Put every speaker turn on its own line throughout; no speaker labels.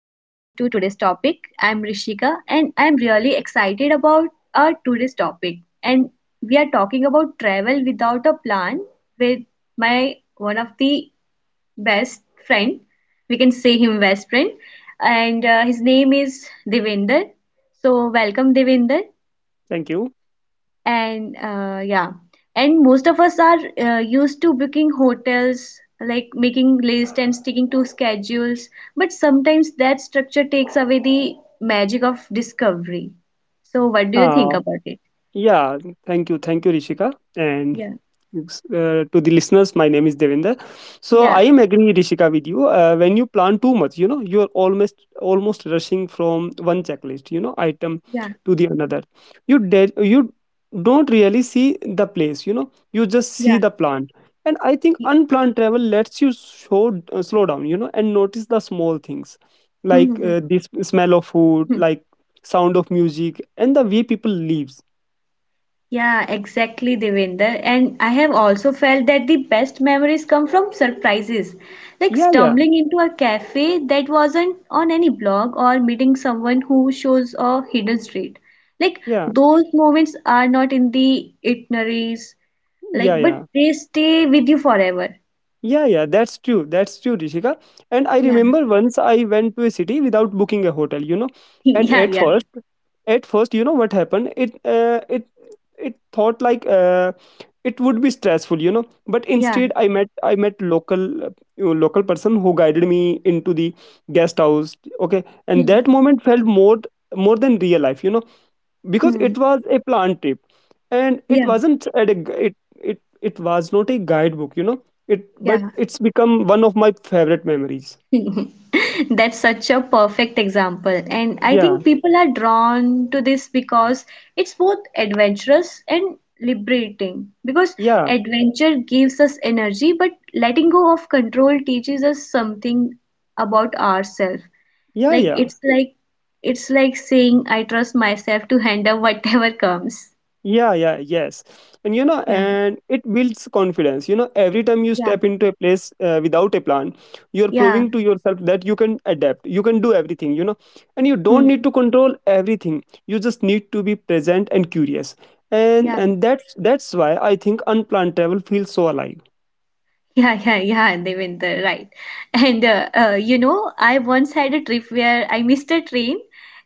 to today's topic. I'm Rishika and I'm really excited about our today's topic. And we are talking about travel without a plan with my one of the best friend. We can say him best friend, and his name is Devinder. So, welcome Devinder.
Thank you.
And uh, yeah, and most of us are used to booking hotels, like making lists and sticking to schedules, but sometimes that structure takes away the magic of discovery. So what do you think
Uh,
about it?
Yeah, Thank you, Rishika. And
Yeah,
to the listeners, my name is Devender. So
yeah,
I am agreeing, Rishika, with you. When you plan too much, you know, you're almost rushing from one checklist, you know, item
yeah,
to the another. You don't really see the place, you know. You just see
yeah.
the plan. And I think
Y-
unplanned travel lets you slow down, you know, and notice the small things like smell of food, like sound of music, and the way people live.
Yeah, exactly, Devinder. And I have also felt that the best memories come from surprises, like
Yeah, yeah,
stumbling into a cafe that wasn't on any blog or meeting someone who shows a hidden street. Like
yeah,
those moments are not in the itineraries, like
yeah,
but
yeah,
they stay with you forever.
yeah. That's true, Rishika. And I
Yeah,
remember once I went to a city without booking a hotel. You know, and
yeah, yeah,
at first, you know what happened? It thought like it would be stressful. You know, but
yeah.
instead, I met local local person who guided me into the guest house. Okay, and that
Hmm.
moment felt more than real life. You know, because
Hmm.
it was a planned trip and it
Yeah,
wasn't at a gu- it it it was not a guidebook, you know, it but
yeah.
it's become one of my favorite memories.
That's such a perfect example. And I
yeah
think people are drawn to this because it's both adventurous and liberating. Because
yeah
adventure gives us energy, but letting go of control teaches us something about ourselves.
yeah
Like
yeah
it's like it's like saying I trust myself to handle whatever comes.
Yeah, yeah, yes. And you know,
Yeah,
and it builds confidence. You know, every time you
yeah,
step into a place without a plan, you're
yeah.
proving to yourself that you can adapt, you can do everything, you know, and you don't
Hmm.
need to control everything. You just need to be present and curious. And that's why I think unplanned travel feels so alive.
Yeah, yeah, yeah, Devinder, right. And you know, I once had a trip where I missed a train,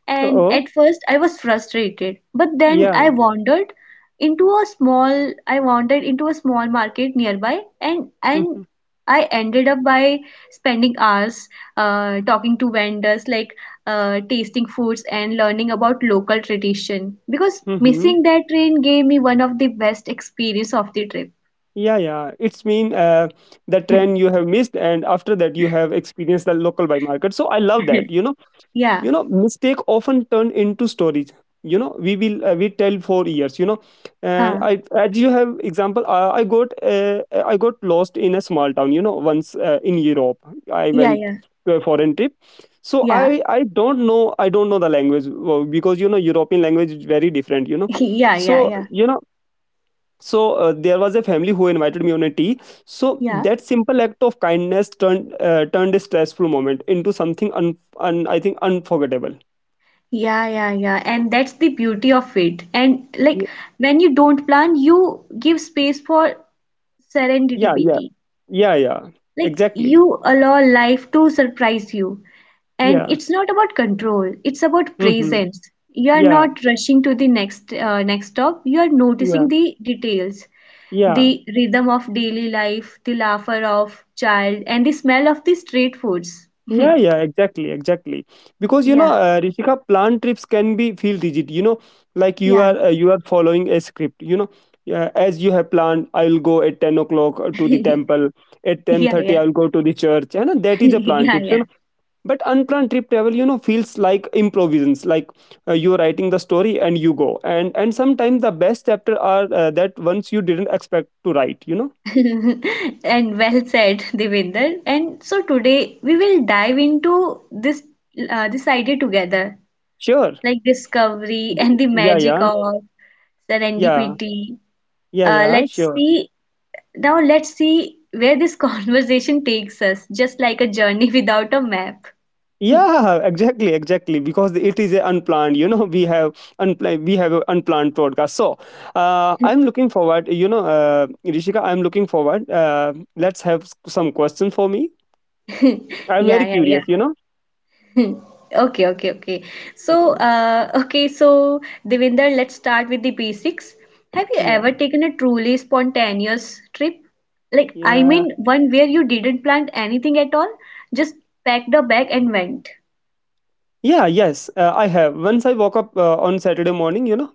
and
Oh,
at first I was frustrated, but then
yeah.
I wandered into a small market nearby, and
Hmm.
I ended up by spending hours talking to vendors, like tasting foods and learning about local tradition. Because
Hmm.
missing that train gave me one of the best experience of the trip.
Yeah, yeah. It's mean the trend you have missed, and after that you have experienced the local by market. So I love that, you know,
Yeah,
you know mistake often turn into stories, you know, we tell for years, you know. uh,
huh.
i as you have example i, I got lost in a small town, you know, once in Europe. I
Yeah,
went
yeah,
to a foreign trip, so
yeah,
I don't know the language well, because you know European language is very different, you know.
yeah, yeah,
so
yeah,
you know so uh, there was a family who invited me on a tea, so
yeah,
that simple act of kindness turned a stressful moment into something un, un I think unforgettable.
yeah, yeah, yeah. And that's the beauty of it. And like
Y-
when you don't plan, you give space for
yeah yeah
serendipity.
yeah.
Like
Exactly.
you allow life to surprise you. And
Yeah.
it's not about control, it's about
Mm-hmm.
presence. You are
yeah
not rushing to the next stop. You are
yeah
noticing the details,
yeah
the rhythm of daily life, the laughter of child, and the smell of the street foods.
yeah, exactly, exactly, because you know,
Yeah,
Rishika, plan trips can be feel rigid, you know, like
yeah.
you are following a script, you know. Uh, as you have planned, I will go at 10 o'clock to the temple, at
Yeah,
10:30
yeah,
I will go to the church, and that is a plan
yeah,
trips, you
yeah.
know. But unplanned trip travel, you know, feels like improvisations, like you're writing the story and you go, and sometimes the best chapter are that ones you didn't expect to write, you know.
And well said, Devinder. And so today we will dive into this this idea together,
sure
like discovery and the
yeah
magic
yeah
of
yeah
serendipity.
yeah yeah
Let's
sure
see now. Let's see where this conversation takes us, just like a journey without a map.
Yeah, exactly, exactly, because it is a unplanned, you know. We have unplanned we have a unplanned podcast, so I'm looking forward you know Rishika, I'm looking forward. Let's have some questions for me. I'm
Yeah,
very
yeah, yeah.
curious, you know.
Hmm. Okay, okay, okay. So,
Okay.
uh, okay, so Devinder, let's start with the basics. Have you
Yeah,
ever taken a truly spontaneous trip?
yeah.
One where you didn't plan anything at all, just packed a bag and went.
Yeah, yes, I have. Once I woke up on Saturday morning, you know,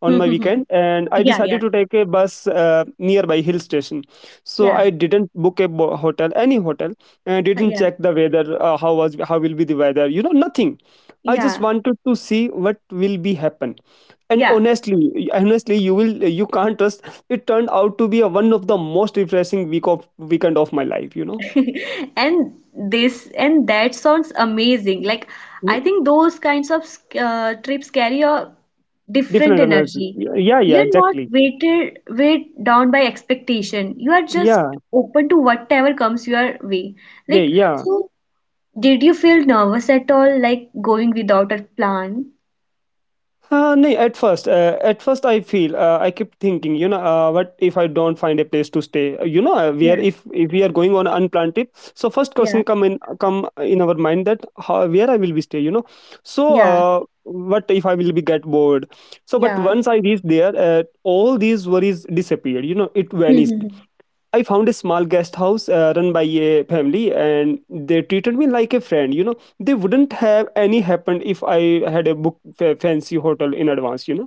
on my weekend, and I
Yeah,
decided
yeah,
to take a bus nearby hill station. So I
yeah,
didn't book a hotel, any hotel, and didn't
yeah,
check the weather, how will be the weather, you know, nothing. I just
yeah,
wanted to see what will be happen. And
yeah.
honestly, honestly, you can't trust. It turned out to be a, one of the most refreshing weekend of my life, you know.
And this and that sounds amazing. Like I
Yeah.
think those kinds of trips carry a different
Different energy.
energy.
Yeah, yeah, yeah,
You're not
exactly.
weighted weighed down by expectation. You are just
Yeah,
open to whatever comes your way. Like
yeah.
so, did you feel nervous at all, like going without a plan?
Nay, at first I feel I kept thinking, you know, what if I don't find a place to stay? You know, we
Yeah,
are, if we are going on unplanned trip, so first
yeah,
question come in our mind that how, where I will be stay, you know. So
yeah,
what if I will be get bored? So but
yeah.
once I reached there, all these worries disappeared. You know, it vanished. I found a small guest house run by a family, and they treated me like a friend. You know, they wouldn't have any happened if I had a book fancy hotel in advance, you know?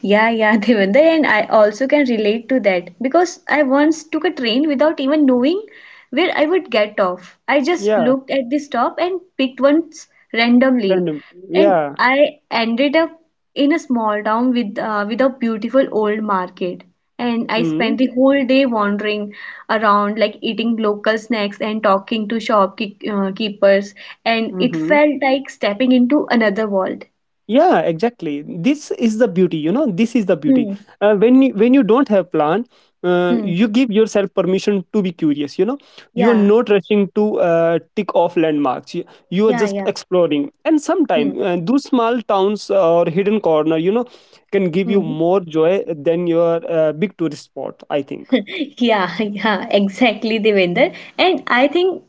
Yeah, yeah, Devender, and I also can relate to that because I once took a train without even knowing where I would get off. I just
Yeah,
looked at the stop and picked ones randomly,
random.
and
Yeah.
I ended up in a small town with a beautiful old market. And I
Mm-hmm.
spent the whole day wandering around, like eating local snacks and talking to shopkeepers, and it
Mm-hmm.
felt like stepping into another world.
Yeah, exactly, this is the beauty, you know, this is the beauty.
Hmm.
When you don't have plan,
Hmm.
you give yourself permission to be curious, you know. You are
Yeah.
not rushing to tick off landmarks, you are
Yeah.
just
Yeah.
exploring, and
Hmm,
sometimes, those small towns or hidden corner, you know, can give you
hmm.
more joy than your big tourist spot, I think.
Yeah, yeah, exactly, Devender. And I think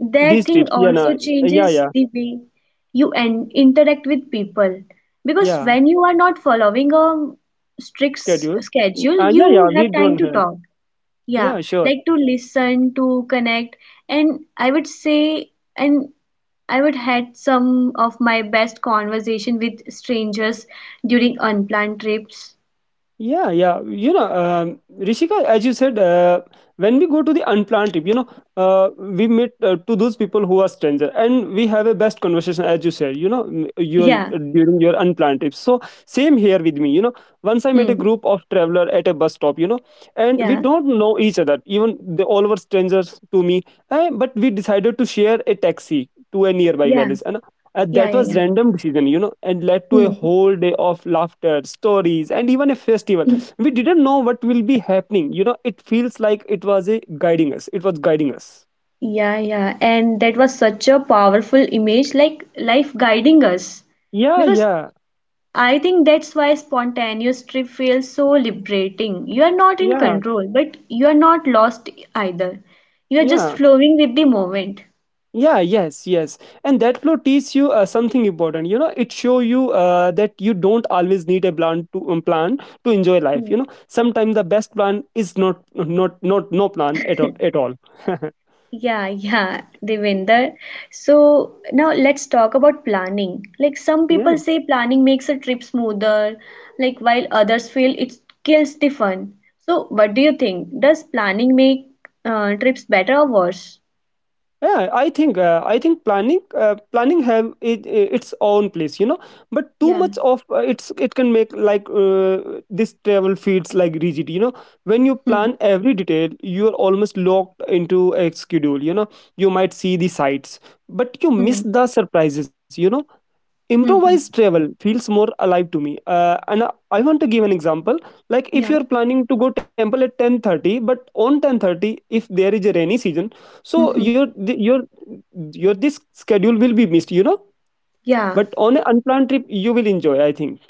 that
these
thing
trips yeah nah,
also
yeah
changes
yeah
the way you and interact with people. Because
yeah
when you are not following a strict
Schedule.
schedule,
Yeah,
you
yeah,
have
we
time
don't
to
have.
talk. Yeah,
Yeah, sure.
like to listen, to connect. And and I would had some of my best conversation with strangers during unplanned trips.
Yeah, yeah. You know, Rishika, as you said, when we go to the unplanned trip, you know, we meet to those people who are stranger, and we have a best conversation, as you said. You know, m- your
Yeah.
during your unplanned trips. So same here with me. You know, once I met a
Hmm.
group of traveler at a bus stop. You know, and we
Yeah.
don't know each other. Even they all were strangers to me. Eh, but we decided to share a taxi to a nearby
Yeah,
village, and
yeah,
that
yeah,
was
yeah.
random decision, you know, and led to a
Hmm.
whole day of laughter, stories, and even a festival.
hmm.
We didn't know what will be happening. You know, it feels like it was a guiding us. It was guiding us.
Yeah, yeah. And that was such a powerful image, like life guiding us.
Yeah,
Because
yeah,
I think that's why spontaneous trip feels so liberating. You are not in
yeah,
control, but you are not lost either. You are just
yeah.
flowing with the moment.
Yeah, yes, yes. And that flow teaches you something important. You know, it show you that you don't always need a plan to plan to enjoy life.
Hmm.
You know, sometimes the best plan is not not not no plan at all.
Yeah, yeah, Devinder. So now let's talk about planning. Like some people
yeah.
say planning makes a trip smoother, like while others feel it kills the fun. So what do you think? Does planning make trips better or worse?
Yeah, I think, planning, have it, its own place, you know. But too
Yeah.
much of it can make like this travel feels like rigid, you know. When you
Hmm.
plan every detail, you are almost locked into a schedule, you know. You might see the sights, but you miss
Hmm.
the surprises, you know.
Hmm. hmm.
Improvised travel feels more alive to me, and I want to give an example. Like
Yeah.
if you're planning to go temple at 10:30, but on 10:30, if there is a rainy season,
Hmm.
so
hmm.
your your this schedule will be missed, you know,
Yeah.
but on an unplanned trip you will enjoy, I think.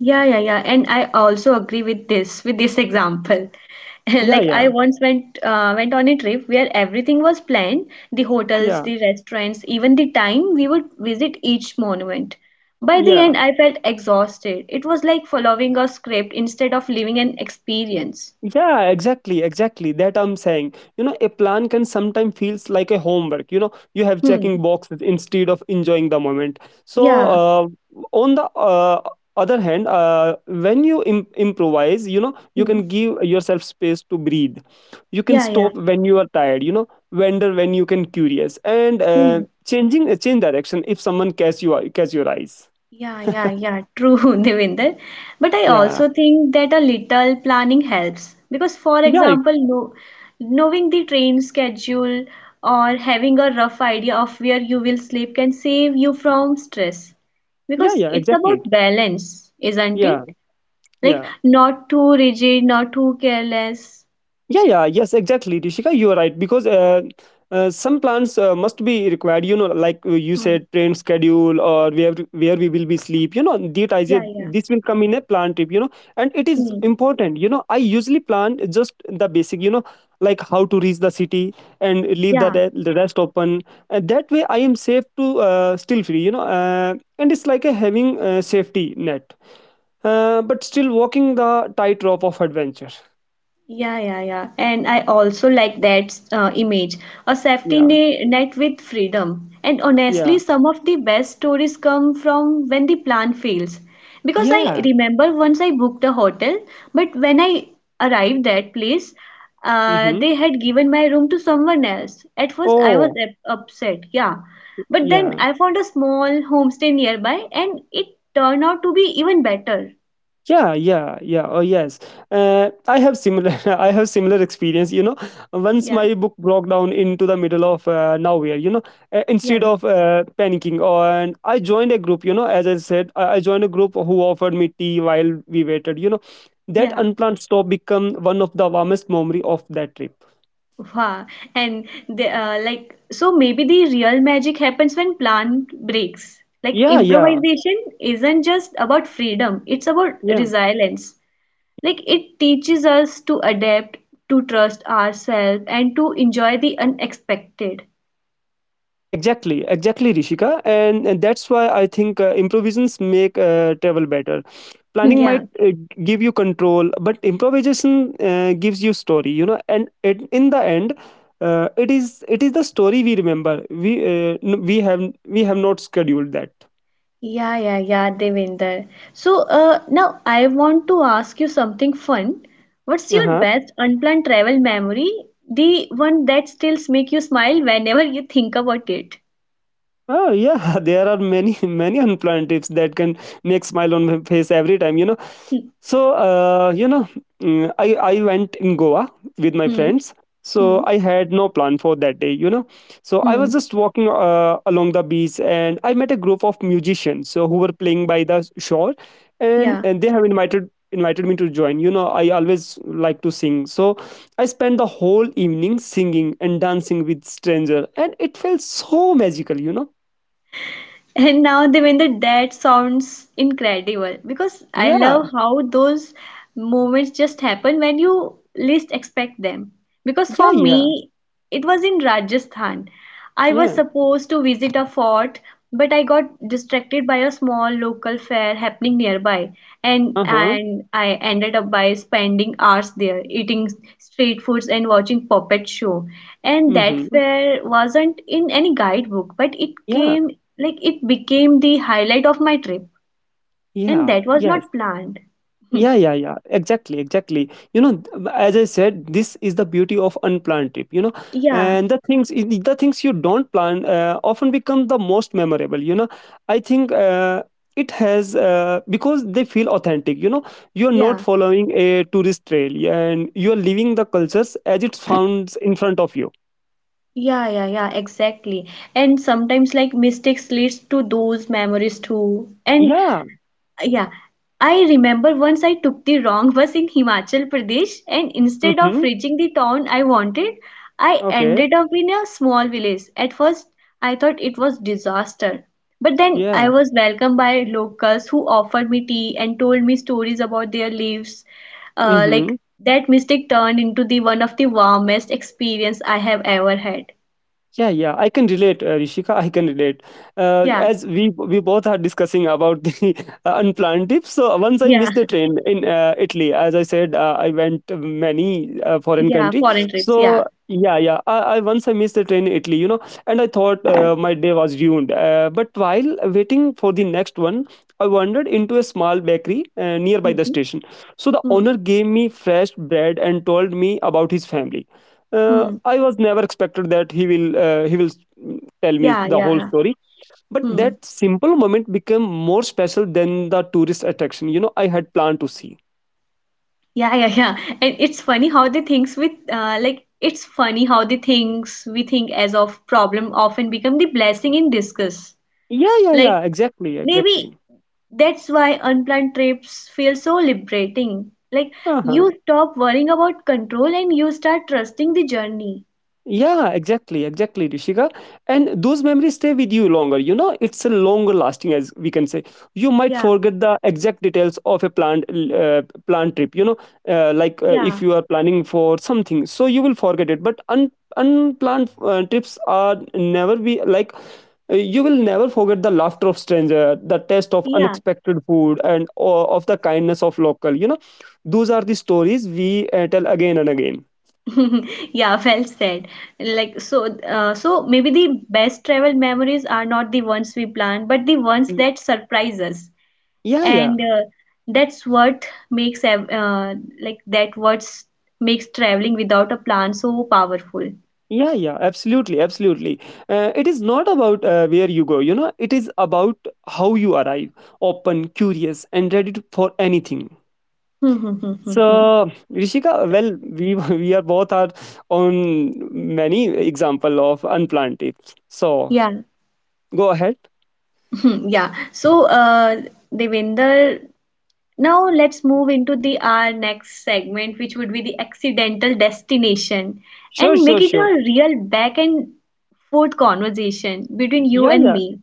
Yeah, yeah, yeah. And I also agree with this example.
yeah
Like I
yeah
once went on a trip where everything was planned, the hotels,
yeah
the restaurants, even the time we would visit each monument. By the
yeah
end, I felt exhausted. It was like following a script instead of living an experience.
Yeah, exactly, exactly. That I'm saying. You know, a plan can sometimes feels like a homework. You know, you have
Hmm.
checking boxes instead of enjoying the moment. So,
Yeah.
on the other hand, when you improvise, you know, you
Hmm.
can give yourself space to breathe. You can
Yeah, yeah.
stop when you are tired. You know, wander when you can curious and
Hmm.
changing change direction if someone catch your eyes.
Yeah, yeah, yeah, true, Devinder. But I
Yeah,
also think that a little planning helps because, for
yeah,
example, no, knowing the train schedule or having a rough idea of where you will sleep can save you from stress
yeah,
because
yeah.
it's about
Exactly.
balance, isn't it?
Yeah,
Like,
yeah.
not too rigid, not too careless.
Yeah, yeah, yes, exactly, Rishika. You are right because some plans must be required. You know, like you
Hmm.
said, train schedule or where we will be sleep. You know, that idea
Yeah, yeah.
this will come in a plan trip. You know, and it is
Hmm.
important. You know, I usually plan just the basic. You know, like how to reach the city and leave
Yeah.
the rest open. And that way, I am safe to still free, you know. And it's like a having a safety net, but still walking the tightrope of adventure.
Yeah, yeah, yeah. And I also like that image, a safety
Yeah,
net with freedom. And
yeah.
honestly, some of the best stories come from when the plan fails. Because I
Yeah.
remember once I booked a hotel, but when I arrived that place,
Mm-hmm.
they had given my room to someone else. At first, I was
Oh,
upset, yeah. But then
yeah.
I found a small homestay nearby, and it turned out to be even better.
Yeah, yeah, yeah. Oh, yes. I have similar. I have similar experience. You know, once
Yeah,
my book broke down into the middle of nowhere, you know. uh, instead
yeah,
of uh, panicking, or and I joined a group. You know, as I said, I joined a group who offered me tea while we waited, you know. That
yeah.
unplanned stop become one of the warmest memory of that trip.
Wow. And so maybe the real magic happens when plan breaks. Like,
Yeah, yeah,
improvisation isn't just about freedom, it's about
yeah.
resilience. Like, it teaches us to adapt, to trust ourselves, and to enjoy the unexpected.
Exactly, exactly, Rishika, and that's why I think improvisations make travel better. Planning
Yeah.
might give you control, but improvisation gives you story. You know, and it, in the end, it is the story we remember. We have not scheduled that.
Yeah, yeah, yeah, Devinder. So, now I want to ask you something fun. What's your
Uh-huh.
best unplanned travel memory? The one that still makes you smile whenever you think about it.
Oh yeah, there are many many unplanned tips that can make smile on my face every time. You know,
Hmm,
so you know, mm, I went in Goa with my
hmm,
friends.
hmm,
So I had no plan for that day. So I was
hmm.
just walking along the beach and I met a group of musicians so who were playing by the shore, and
Yeah.
and they have invited me to join. I always like to sing, so I spent the whole evening singing and dancing with stranger, and it felt so magical, you know.
And now, Devendra, that sounds incredible because I
Yeah.
love how those moments just happen when you least expect them. Because
Yeah,
for
yeah,
me, it was in Rajasthan. I was
yeah.
supposed to visit a fort, but I got distracted by a small local fair happening nearby, and
Uh-huh.
I ended up by spending hours there, eating street foods and watching puppet show. And that
Mhm.
fair wasn't in any guidebook, but it
Yeah.
came like it became the highlight of my trip, and
Yeah.
that was
Yes.
not planned.
Yeah, yeah, yeah. Exactly, exactly. As I said, this is the beauty of unplanned trip, you know.
Yeah,
And the things you don't plan often become the most memorable, you know. I think it has because they feel authentic, you know. You're not
yeah,
following a tourist trail and you're living the cultures as it sounds in front of you.
yeah, yeah, yeah, exactly. And sometimes like mistakes leads to those memories too. And
Yeah.
yeah, I remember once I took the wrong bus in Himachal Pradesh, and instead of
Mhm.
reaching the town I wanted, I
Okay.
ended up in a small village. At first, I thought it was disaster, but then I
Yeah.
was welcomed by locals who offered me tea and told me stories about their lives. Like
Mhm.
that mistake turned into the one of the warmest experience I have ever had.
Yeah, yeah, I can relate, Rishika. I can relate. Uh,
Yeah,
as we we both are discussing about the unplanned trips. So once I
yeah,
missed the train in Italy. As I said, I went to many foreign
yeah.
country.
Foreign trips. Yeah.
So yeah, yeah, I once I missed the train in Italy, you know, and I thought my day was ruined. But while waiting for the next one, I wandered into a small bakery nearby
hmm
the station. So the
hmm
owner gave me fresh bread and told me about his family. uh,
hmm.
I was never expected that he will tell me
Yeah,
the whole
yeah.
story. But
Hmm.
that simple moment became more special than the tourist attraction, you know, I had planned to see.
Yeah, yeah, yeah. And it's funny how the things we think as of problem often become the blessing in disguise.
Yeah, yeah,
Like
yeah. Exactly,
maybe
exactly.
that's why unplanned trips feel so liberating. Like
Uh-huh.
you stop worrying about control and you start trusting the journey.
Yeah, exactly, exactly, Rishika. And those memories stay with you longer, you know. It's a longer lasting, as we can say. You might
Yeah,
forget the exact details of a planned trip, you know. If
yeah,
you are planning for something, so you will forget it. But unplanned trips are never be like. You will never forget the laughter of stranger, the taste of
yeah.
unexpected food, and of the kindness of local, you know. Those are the stories we tell again and again.
Yeah, well said. Like so, so maybe the best travel memories are not the ones we plan, but the ones
Y-
that surprise us.
Yeah,
And
yeah.
that's what makes ev- uh, that what makes traveling without a plan so powerful.
Yeah, yeah, absolutely, absolutely. It is not about where you go, you know. It is about how you arrive, open, curious, and ready to, for anything.
Hmm, hmm, hmm, hmm,
So
hmm.
Rishika, well, we we are both are on many example of unplanned tips, so
Yeah,
go ahead.
yeah. So, Devinder, now let's move into the our next segment, which would be the accidental destination,
Sure,
and
sure,
make it a
sure.
real back and forth conversation between you
Yeah,
and
yeah.
me.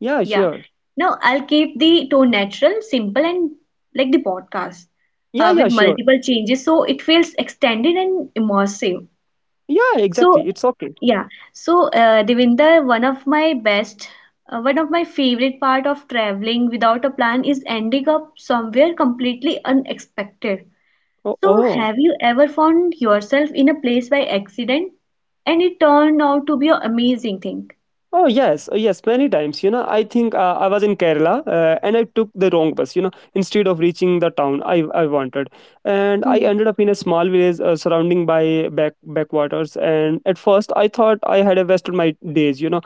Yeah,
Yeah.
sure.
Now I'll keep the tone natural, simple, and like the podcast
Yeah, yeah,
with
sure.
multiple changes. So it feels extended and immersive.
Yeah,
So,
exactly, it's okay.
yeah. So, Devinder, one of my favorite part of traveling without a plan is ending up somewhere completely unexpected.
Oh,
So,
oh.
have you ever found yourself in a place by accident and it turned out to be an amazing thing?
Oh yes, yes, many times, you know. I was in Kerala and I took the wrong bus. You know, instead of reaching the town I wanted, and I
Hmm.
ended up in a small village surrounding by backwaters. And at first, I thought I had wasted my days, you know.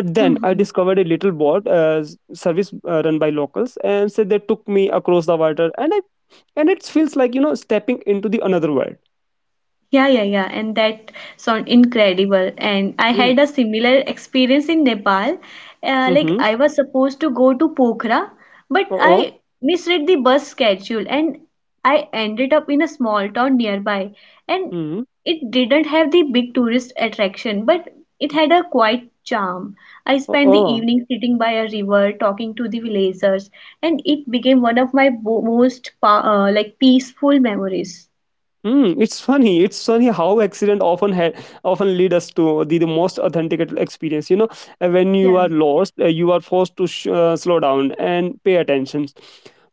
But then I discovered a little boat service run by locals, and said they took me across the water, and I and it feels like, you know, stepping into the another world.
Yeah, yeah, yeah, and that sound incredible. And I
Yeah.
had a similar experience in Nepal. Like
Mm-hmm.
I was supposed to go to Pokhara, but
Oh. Oh.
I misread the bus schedule and I ended up in a small town nearby. And
Mm-hmm.
it didn't have the big tourist attraction, but it had a quiet charm. I
Oh.
spent the
Oh.
evening sitting by a river talking to the villagers, and it became one of my bo- most pa- like peaceful memories.
Mm, it's funny. It's funny how accident often lead us to the most authentic experience, you know. When you
Yeah,
are lost, you are forced to slow down and pay attention.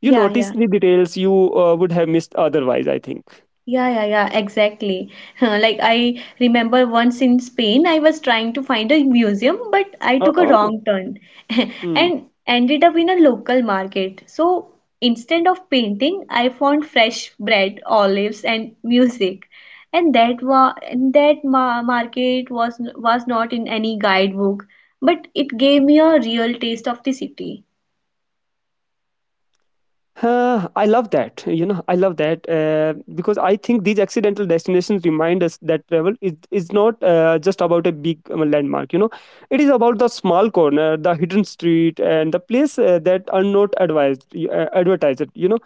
You
yeah,
notice
yeah.
the details you would have missed otherwise, I think.
Yeah, yeah, yeah, exactly. Like I remember once in Spain, I was trying to find a museum, but I took a
Uh-oh.
wrong turn
Hmm.
and ended up in a local market. So instead of painting, I found fresh bread, olives, and music. And that wa and that ma market was not in any guidebook, but it gave me a real taste of the city.
I love that, you know. I love that because I think these accidental destinations remind us that is not just about a big landmark, you know. It is about the small corner, the hidden street, and the place that are not advertised, you know.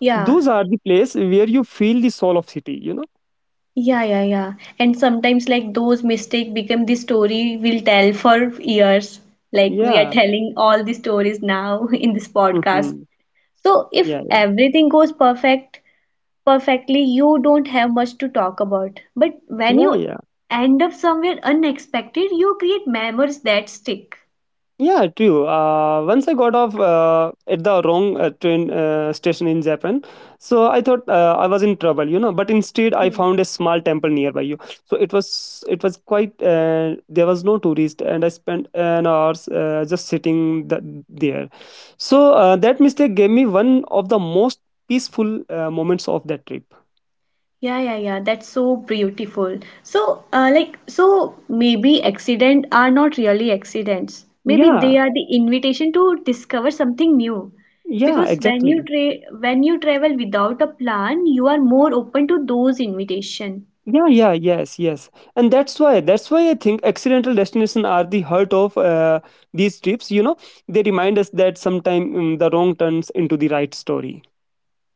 Yeah.
Those are the place where you feel the soul of city, you know.
Yeah, yeah, yeah. And sometimes, like, those mistake become the story we'll tell for years. Like, we are
Yeah.
telling all the stories now in this podcast.
Hmm.
So, if
Yeah,
everything goes perfect, perfectly, you don't have much to talk about. But when
yeah,
you
yeah, yeah.
end up somewhere unexpected, you create memories that stick.
Yeah, true. Once I got off at the wrong train station in Japan, so I thought I was in trouble, you know. But instead, I found a small temple nearby you. So it was quite. There was no tourist, and I spent an hours just sitting there. So that mistake gave me one of the most peaceful moments of that trip.
Yeah, yeah, yeah. That's so beautiful. So, like, so maybe accident are not really accidents. Maybe they
Yeah,
are the invitation to discover something new.
yeah,
Because
exactly.
when you travel without a plan, you are more open to those invitation.
Yeah, yeah, yes, yes. And that's why I think accidental destination are the heart of these trips, you know. They remind us that sometime the wrong turns into the right story.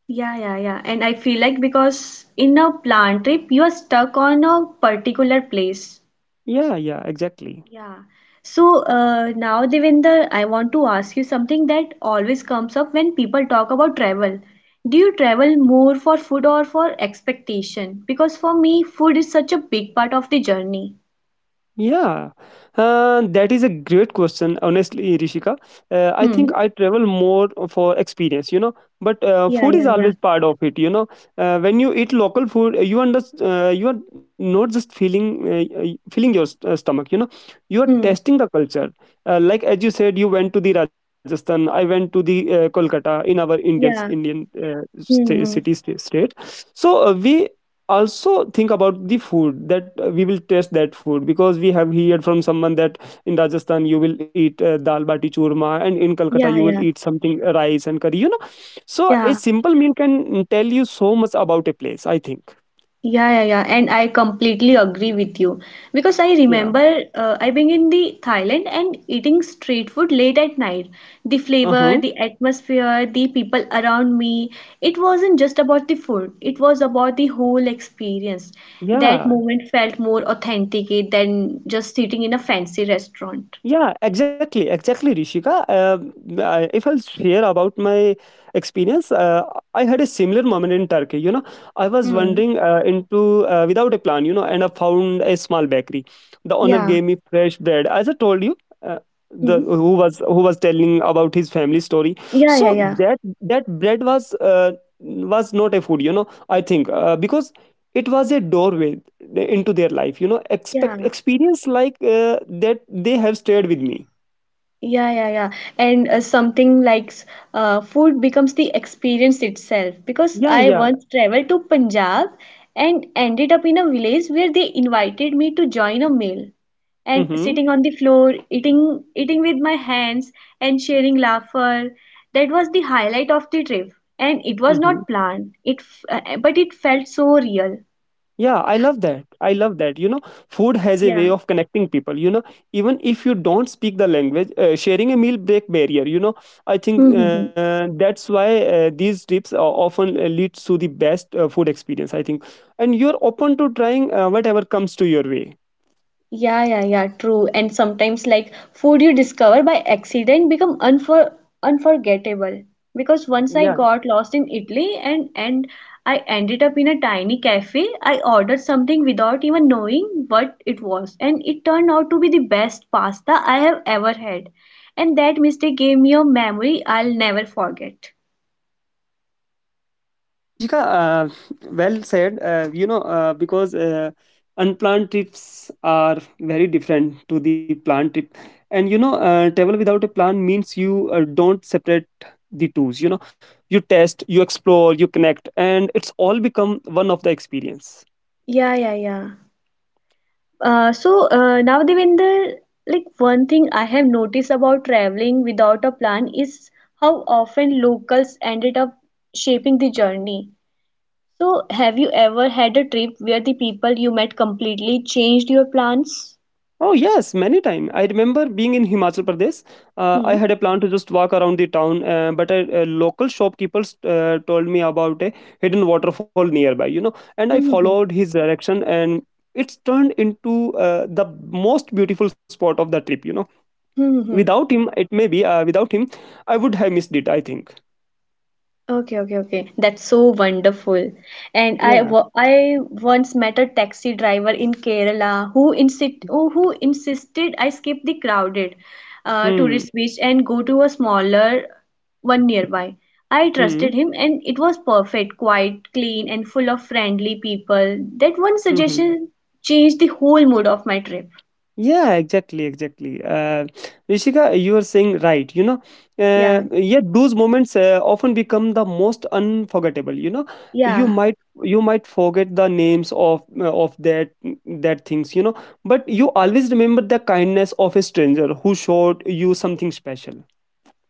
Yeah, yeah, yeah. And I feel like because in a plan trip, you are stuck on a particular place.
Yeah, yeah, exactly.
Yeah. So now, Devinder, I want to ask you something that always comes up when people talk about travel. Do you travel more for food or for expectation? Because for me, food is such a big part of the journey.
Yeah, that is a great question, honestly, Rishika. I
Hmm.
think I travel more for experience, you know, but
Yeah,
food is
yeah, yeah.
always part of it, you know. When you eat local food, you are not just feeling your stomach, you know, you are
Hmm.
testing the culture. Like as you said, you went to the Rajasthan, I went to the Kolkata in our
Yeah.
Indian
Hmm. Hmm.
city state. So we also think about the food that we will taste that food because we have heard from someone that in Rajasthan you will eat dal bati churma, and in Calcutta you
Yeah,
will
yeah,
eat something rice and curry, you know. So a
yeah.
simple meal can tell you so much about a place, I think.
Yeah, yeah, yeah, and I completely agree with you because I
Yeah.
remember I being in the Thailand and eating street food late at night. The
Uh-huh.
flavor, the atmosphere, the people around me, it wasn't just about the food, it was about the whole experience. That
Yeah.
moment felt more authentic than just sitting in a fancy restaurant.
Yeah, exactly, exactly, Rishika. I if I'll share about my experience, I had a similar moment in Turkey, you know. I was
Hmm.
wandering into without a plan, you know, and I found a small bakery. The owner
Yeah.
gave me fresh bread, as I told you. Uh, the
Hmm.
who was telling about his family story.
Yeah, yeah,
So
yeah.
that bread was not a food, you know. I think because it was a doorway into their life, you know. Expect
Yeah.
Experience like that, they have stayed with me.
Yeah, yeah, yeah. And food becomes the experience itself. Because
Yeah,
I
yeah.
once traveled to Punjab and ended up in a village where they invited me to join a meal. And
Mm-hmm.
sitting on the floor, eating with my hands and sharing laughter, that was the highlight of the trip. And it was
Mm-hmm.
not planned. But it felt so real.
Yeah, I love that. I love that, you know. Food has a way
Yeah.
of connecting people, you know. Even if you don't speak the language, sharing a meal break barrier, you know. I think That's why these trips often leads to the best food experience, I think. And you're open to trying whatever comes to your way.
Yeah, yeah, yeah, true. And sometimes like food you discover by accident become unforgettable. Because once I got lost in Italy and I ended up in a tiny cafe. I ordered something without even knowing what it was, and it turned out to be the best pasta I have ever had. And that mistake gave me a memory I'll never forget.
Rishika, well said. You know, because Unplanned trips are very different to the planned trip, and you know, travel without a plan means you don't separate the tools, you know. You test, you explore, you connect, and it's all become one of the experience.
Yeah, yeah, yeah. So now Devinder, like one thing I have noticed about traveling without a plan is how often locals ended up shaping the journey. So have you ever had a trip where the people you met completely changed your plans?
Oh yes, many time. I remember being in Himachal Pradesh. I
Hmm.
had a plan to just walk around the town, but a local shopkeeper told me about a hidden waterfall nearby, you know. And I followed his direction, and it's turned into the most beautiful spot of the trip, you know. without him, it may be uh, without him, I would have missed it, I think.
Okay, okay, okay. That's so wonderful. And
Yeah.
I once met a taxi driver in Kerala who insisted I skip the crowded
Hmm.
tourist beach and go to a smaller one nearby. I
Hmm.
trusted him, and it was perfect, quiet, clean, and full of friendly people. That one
Hmm.
suggestion changed the whole mood of my trip.
Yeah, exactly, exactly. Rishika, you are saying right, you know. uh,
Yeah,
yet those moments often become the most unforgettable, you know. you
yeah.
might you might forget the names of that things, you know. But you always remember the kindness of a stranger who showed you something special.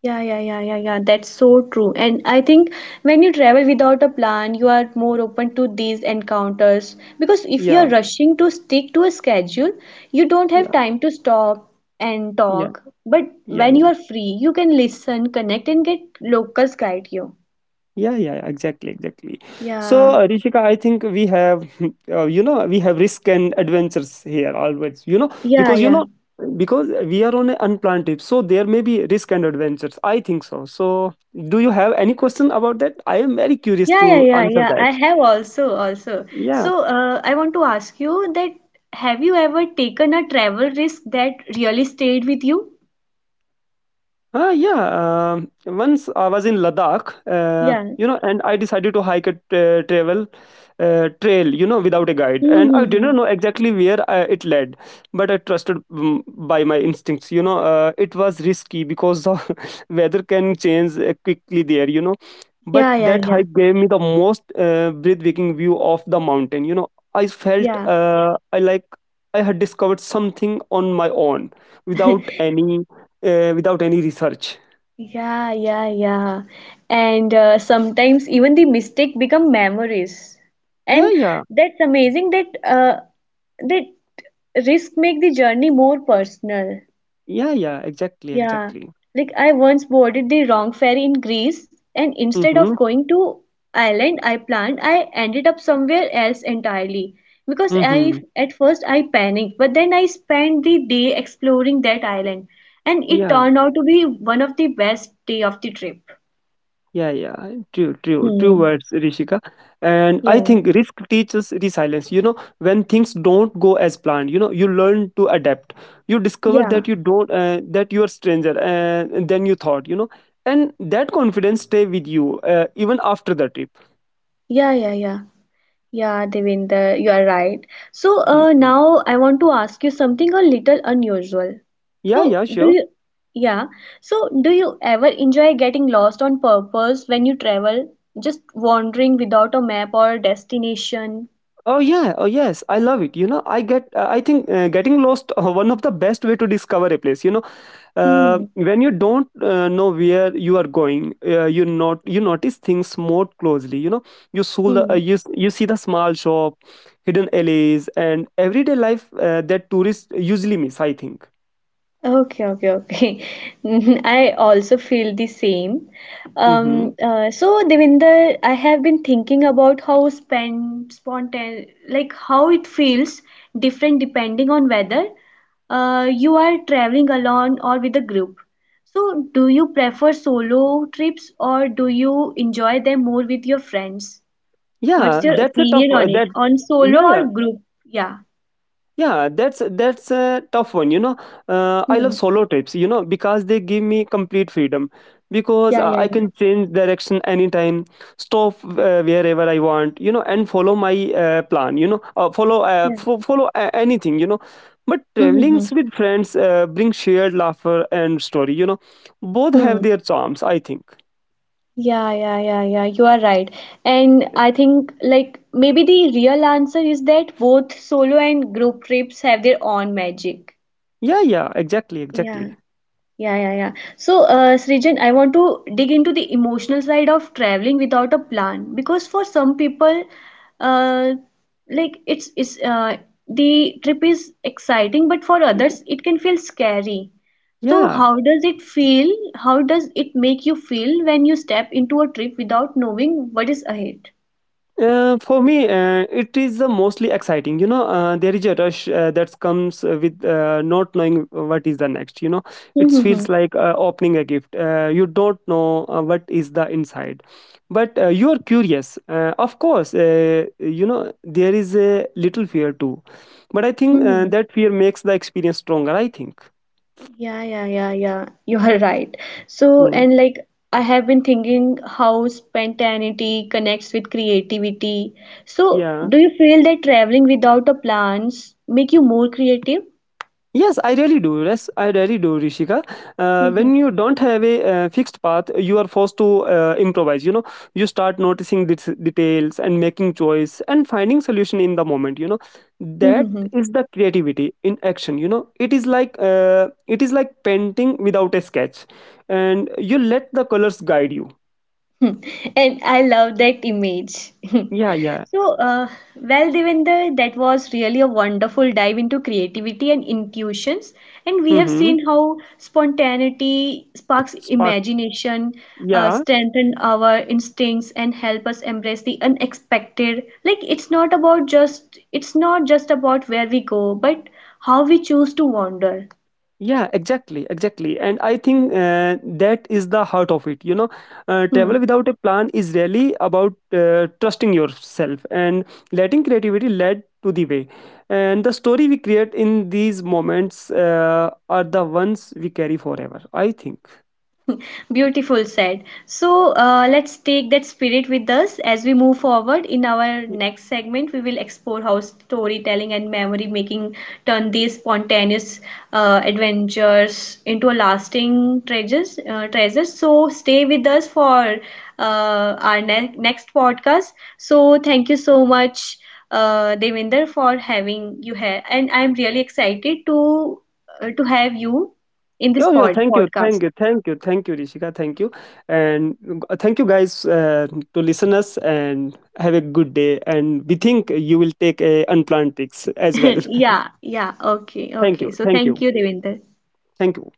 Yeah, yeah, yeah, yeah, yeah. That's so true. And I think when you travel without a plan, you are more open to these encounters. Because if you
Yeah,
are rushing to stick to a schedule, you don't have
yeah,
time to stop and
yeah,
talk. But when you
yeah.
are free, you can listen, connect, and get locals guide you.
Yeah, yeah, yeah, exactly, exactly. So,
Yeah,
Rishika, I think we have, you know, we have risk and adventures here always,
yeah,
you
yeah.
know, because we are on an unplanned trip. So, there may be risk and adventures, I think so. So, do you have any question about that? I am very curious
Yeah, yeah,
to
yeah,
answer
yeah.
that.
I have also, also.
Yeah.
So, I want to ask you that have you ever taken a travel risk that really stayed with you?
Ah, yeah. Once I was in Ladakh,
Yeah.
you know, and I decided to hike a travel trail, you know, without a guide, and I
Mm-hmm.
didn't know exactly where I, it led, but I trusted by my instincts, you know. It was risky because the weather can change quickly there, you know. But
Yeah, yeah,
that
yeah,
hike gave me the most breathtaking view of the mountain, you know. I felt
yeah,
I like I had discovered something on my own without any without any research.
yeah, yeah, yeah. And sometimes even the mistake become memories,
Yeah,
and
yeah.
that's amazing that that risk make the journey more personal.
Yeah, yeah, exactly,
Yeah,
exactly.
like I once boarded the wrong ferry in Greece, and instead of
Mm-hmm.
going to Ireland I planned, I ended up somewhere else entirely. Because I
Mm-hmm.
at first I panicked, but then I spent the day exploring that island, and it
Yeah,
turned out to be one of the best day of the trip.
yeah, yeah. True, true, true
Hmm.
words, Rishika. And I
Yeah.
think risk teaches resilience, you know. When things don't go as planned, you know, you learn to adapt. You discover that
Yeah.
you don't, that you are stranger than you thought, you know. And that confidence stay with you even after the trip.
Yeah. Yeah. Yeah. Yeah, Devinder, you are right. So
Mhm.
now I want to ask you something a little unusual.
Yeah,
So
yeah, sure.
yeah, so do you ever enjoy getting lost on purpose when you travel, just wandering without a map or destination?
Oh yeah, oh yes, I love it, you know. I get, I think Getting lost one of the best way to discover a place, you know. uh,
Hmm.
when you don't know where you are going, you not you notice things more closely, you know.
Hmm.
You see the small shop, hidden alleys, and everyday life that tourists usually miss, I think.
Okay, okay, okay. I also feel the same.
Mm-hmm.
So Devinder, I have been thinking about how spend spontan like how it feels different depending on whether you are traveling alone or with a group. So, do you prefer solo trips or do you enjoy them more with your friends?
Yeah,
What's your
that's a tough.
opinion on it?
That
On solo
Yeah, yeah.
or group? Yeah.
Yeah, that's a tough one, you know. I love
Hmm.
solo trips, you know, because they give me complete freedom. Because
Yeah, yeah,
I
yeah.
can change direction anytime, stop wherever I want, you know, and follow my plan, you know. uh, follow uh,
Yeah.
fo- follow uh, anything, you know. But
Hmm. Hmm,
traveling
hmm.
with friends brings shared laughter and story, you know. Both have
Hmm.
their charms, I think.
Yeah, yeah, yeah, yeah. You are right. And I think like maybe the real answer is that both solo and group trips have their own magic.
Yeah, yeah, exactly,
Yeah.
exactly.
Yeah, yeah, yeah. So, Srijan, I want to dig into the emotional side of traveling without a plan because for some people, uh, like it's the trip is exciting, but for others it can feel scary. So,
Yeah.
how does it feel? How does it make you feel when you step into a trip without knowing what is ahead?
For me, it is the mostly exciting, you know. There is a rush that comes with not knowing what is the next, you know. It feels like opening a gift. You don't know what is the inside, but you are curious. Of course, you know there is a little fear too, but I think that fear makes the experience stronger, I think.
Yeah, yeah, yeah, yeah. You are right. So,
Mm.
and like I have been thinking how spontaneity connects with creativity. So,
Yeah.
do you feel that traveling without a plans make you more creative?
Yes, I really do. Yes, I really do, Rishika. Uh,
Mm-hmm.
when you don't have a fixed path, you are forced to improvise, you know. You start noticing details and making choice and finding solution in the moment, you know. That
Mm-hmm.
is the creativity in action, you know. It is like painting without a sketch, and you let the colors guide you.
And I love that image.
Yeah, yeah.
So, well, Devender, that was really a wonderful dive into creativity and intuitions. And we have
Mm-hmm.
seen how spontaneity sparks
Spark.
imagination,
Yeah.
strengthen our instincts, and help us embrace the unexpected. Like it's not just about where we go, but how we choose to wander.
Yeah, exactly, exactly. And I think that is the heart of it, you know.
Hmm.
Travel without a plan is really about trusting yourself and letting creativity lead to the way. And the story we create in these moments, are the ones we carry forever, I think.
Beautiful said. So let's take that spirit with us as we move forward. In our
Y-
next segment, we will explore how storytelling and memory making turn these spontaneous adventures into a lasting treasures. So stay with us for next podcast. So thank you so much, Devinder, for having you here, and I'm really excited to have you in this
Yeah, yeah. Thank you, thank
podcast.
you, thank you, thank you, Rishika. Thank you, and thank you guys, to listeners. And have a good day. And we think you will take a unplanned tricks as well.
Yeah, yeah. Okay,
Thank
okay.
you,
So
thank you,
thank you, Devinder.
thank you.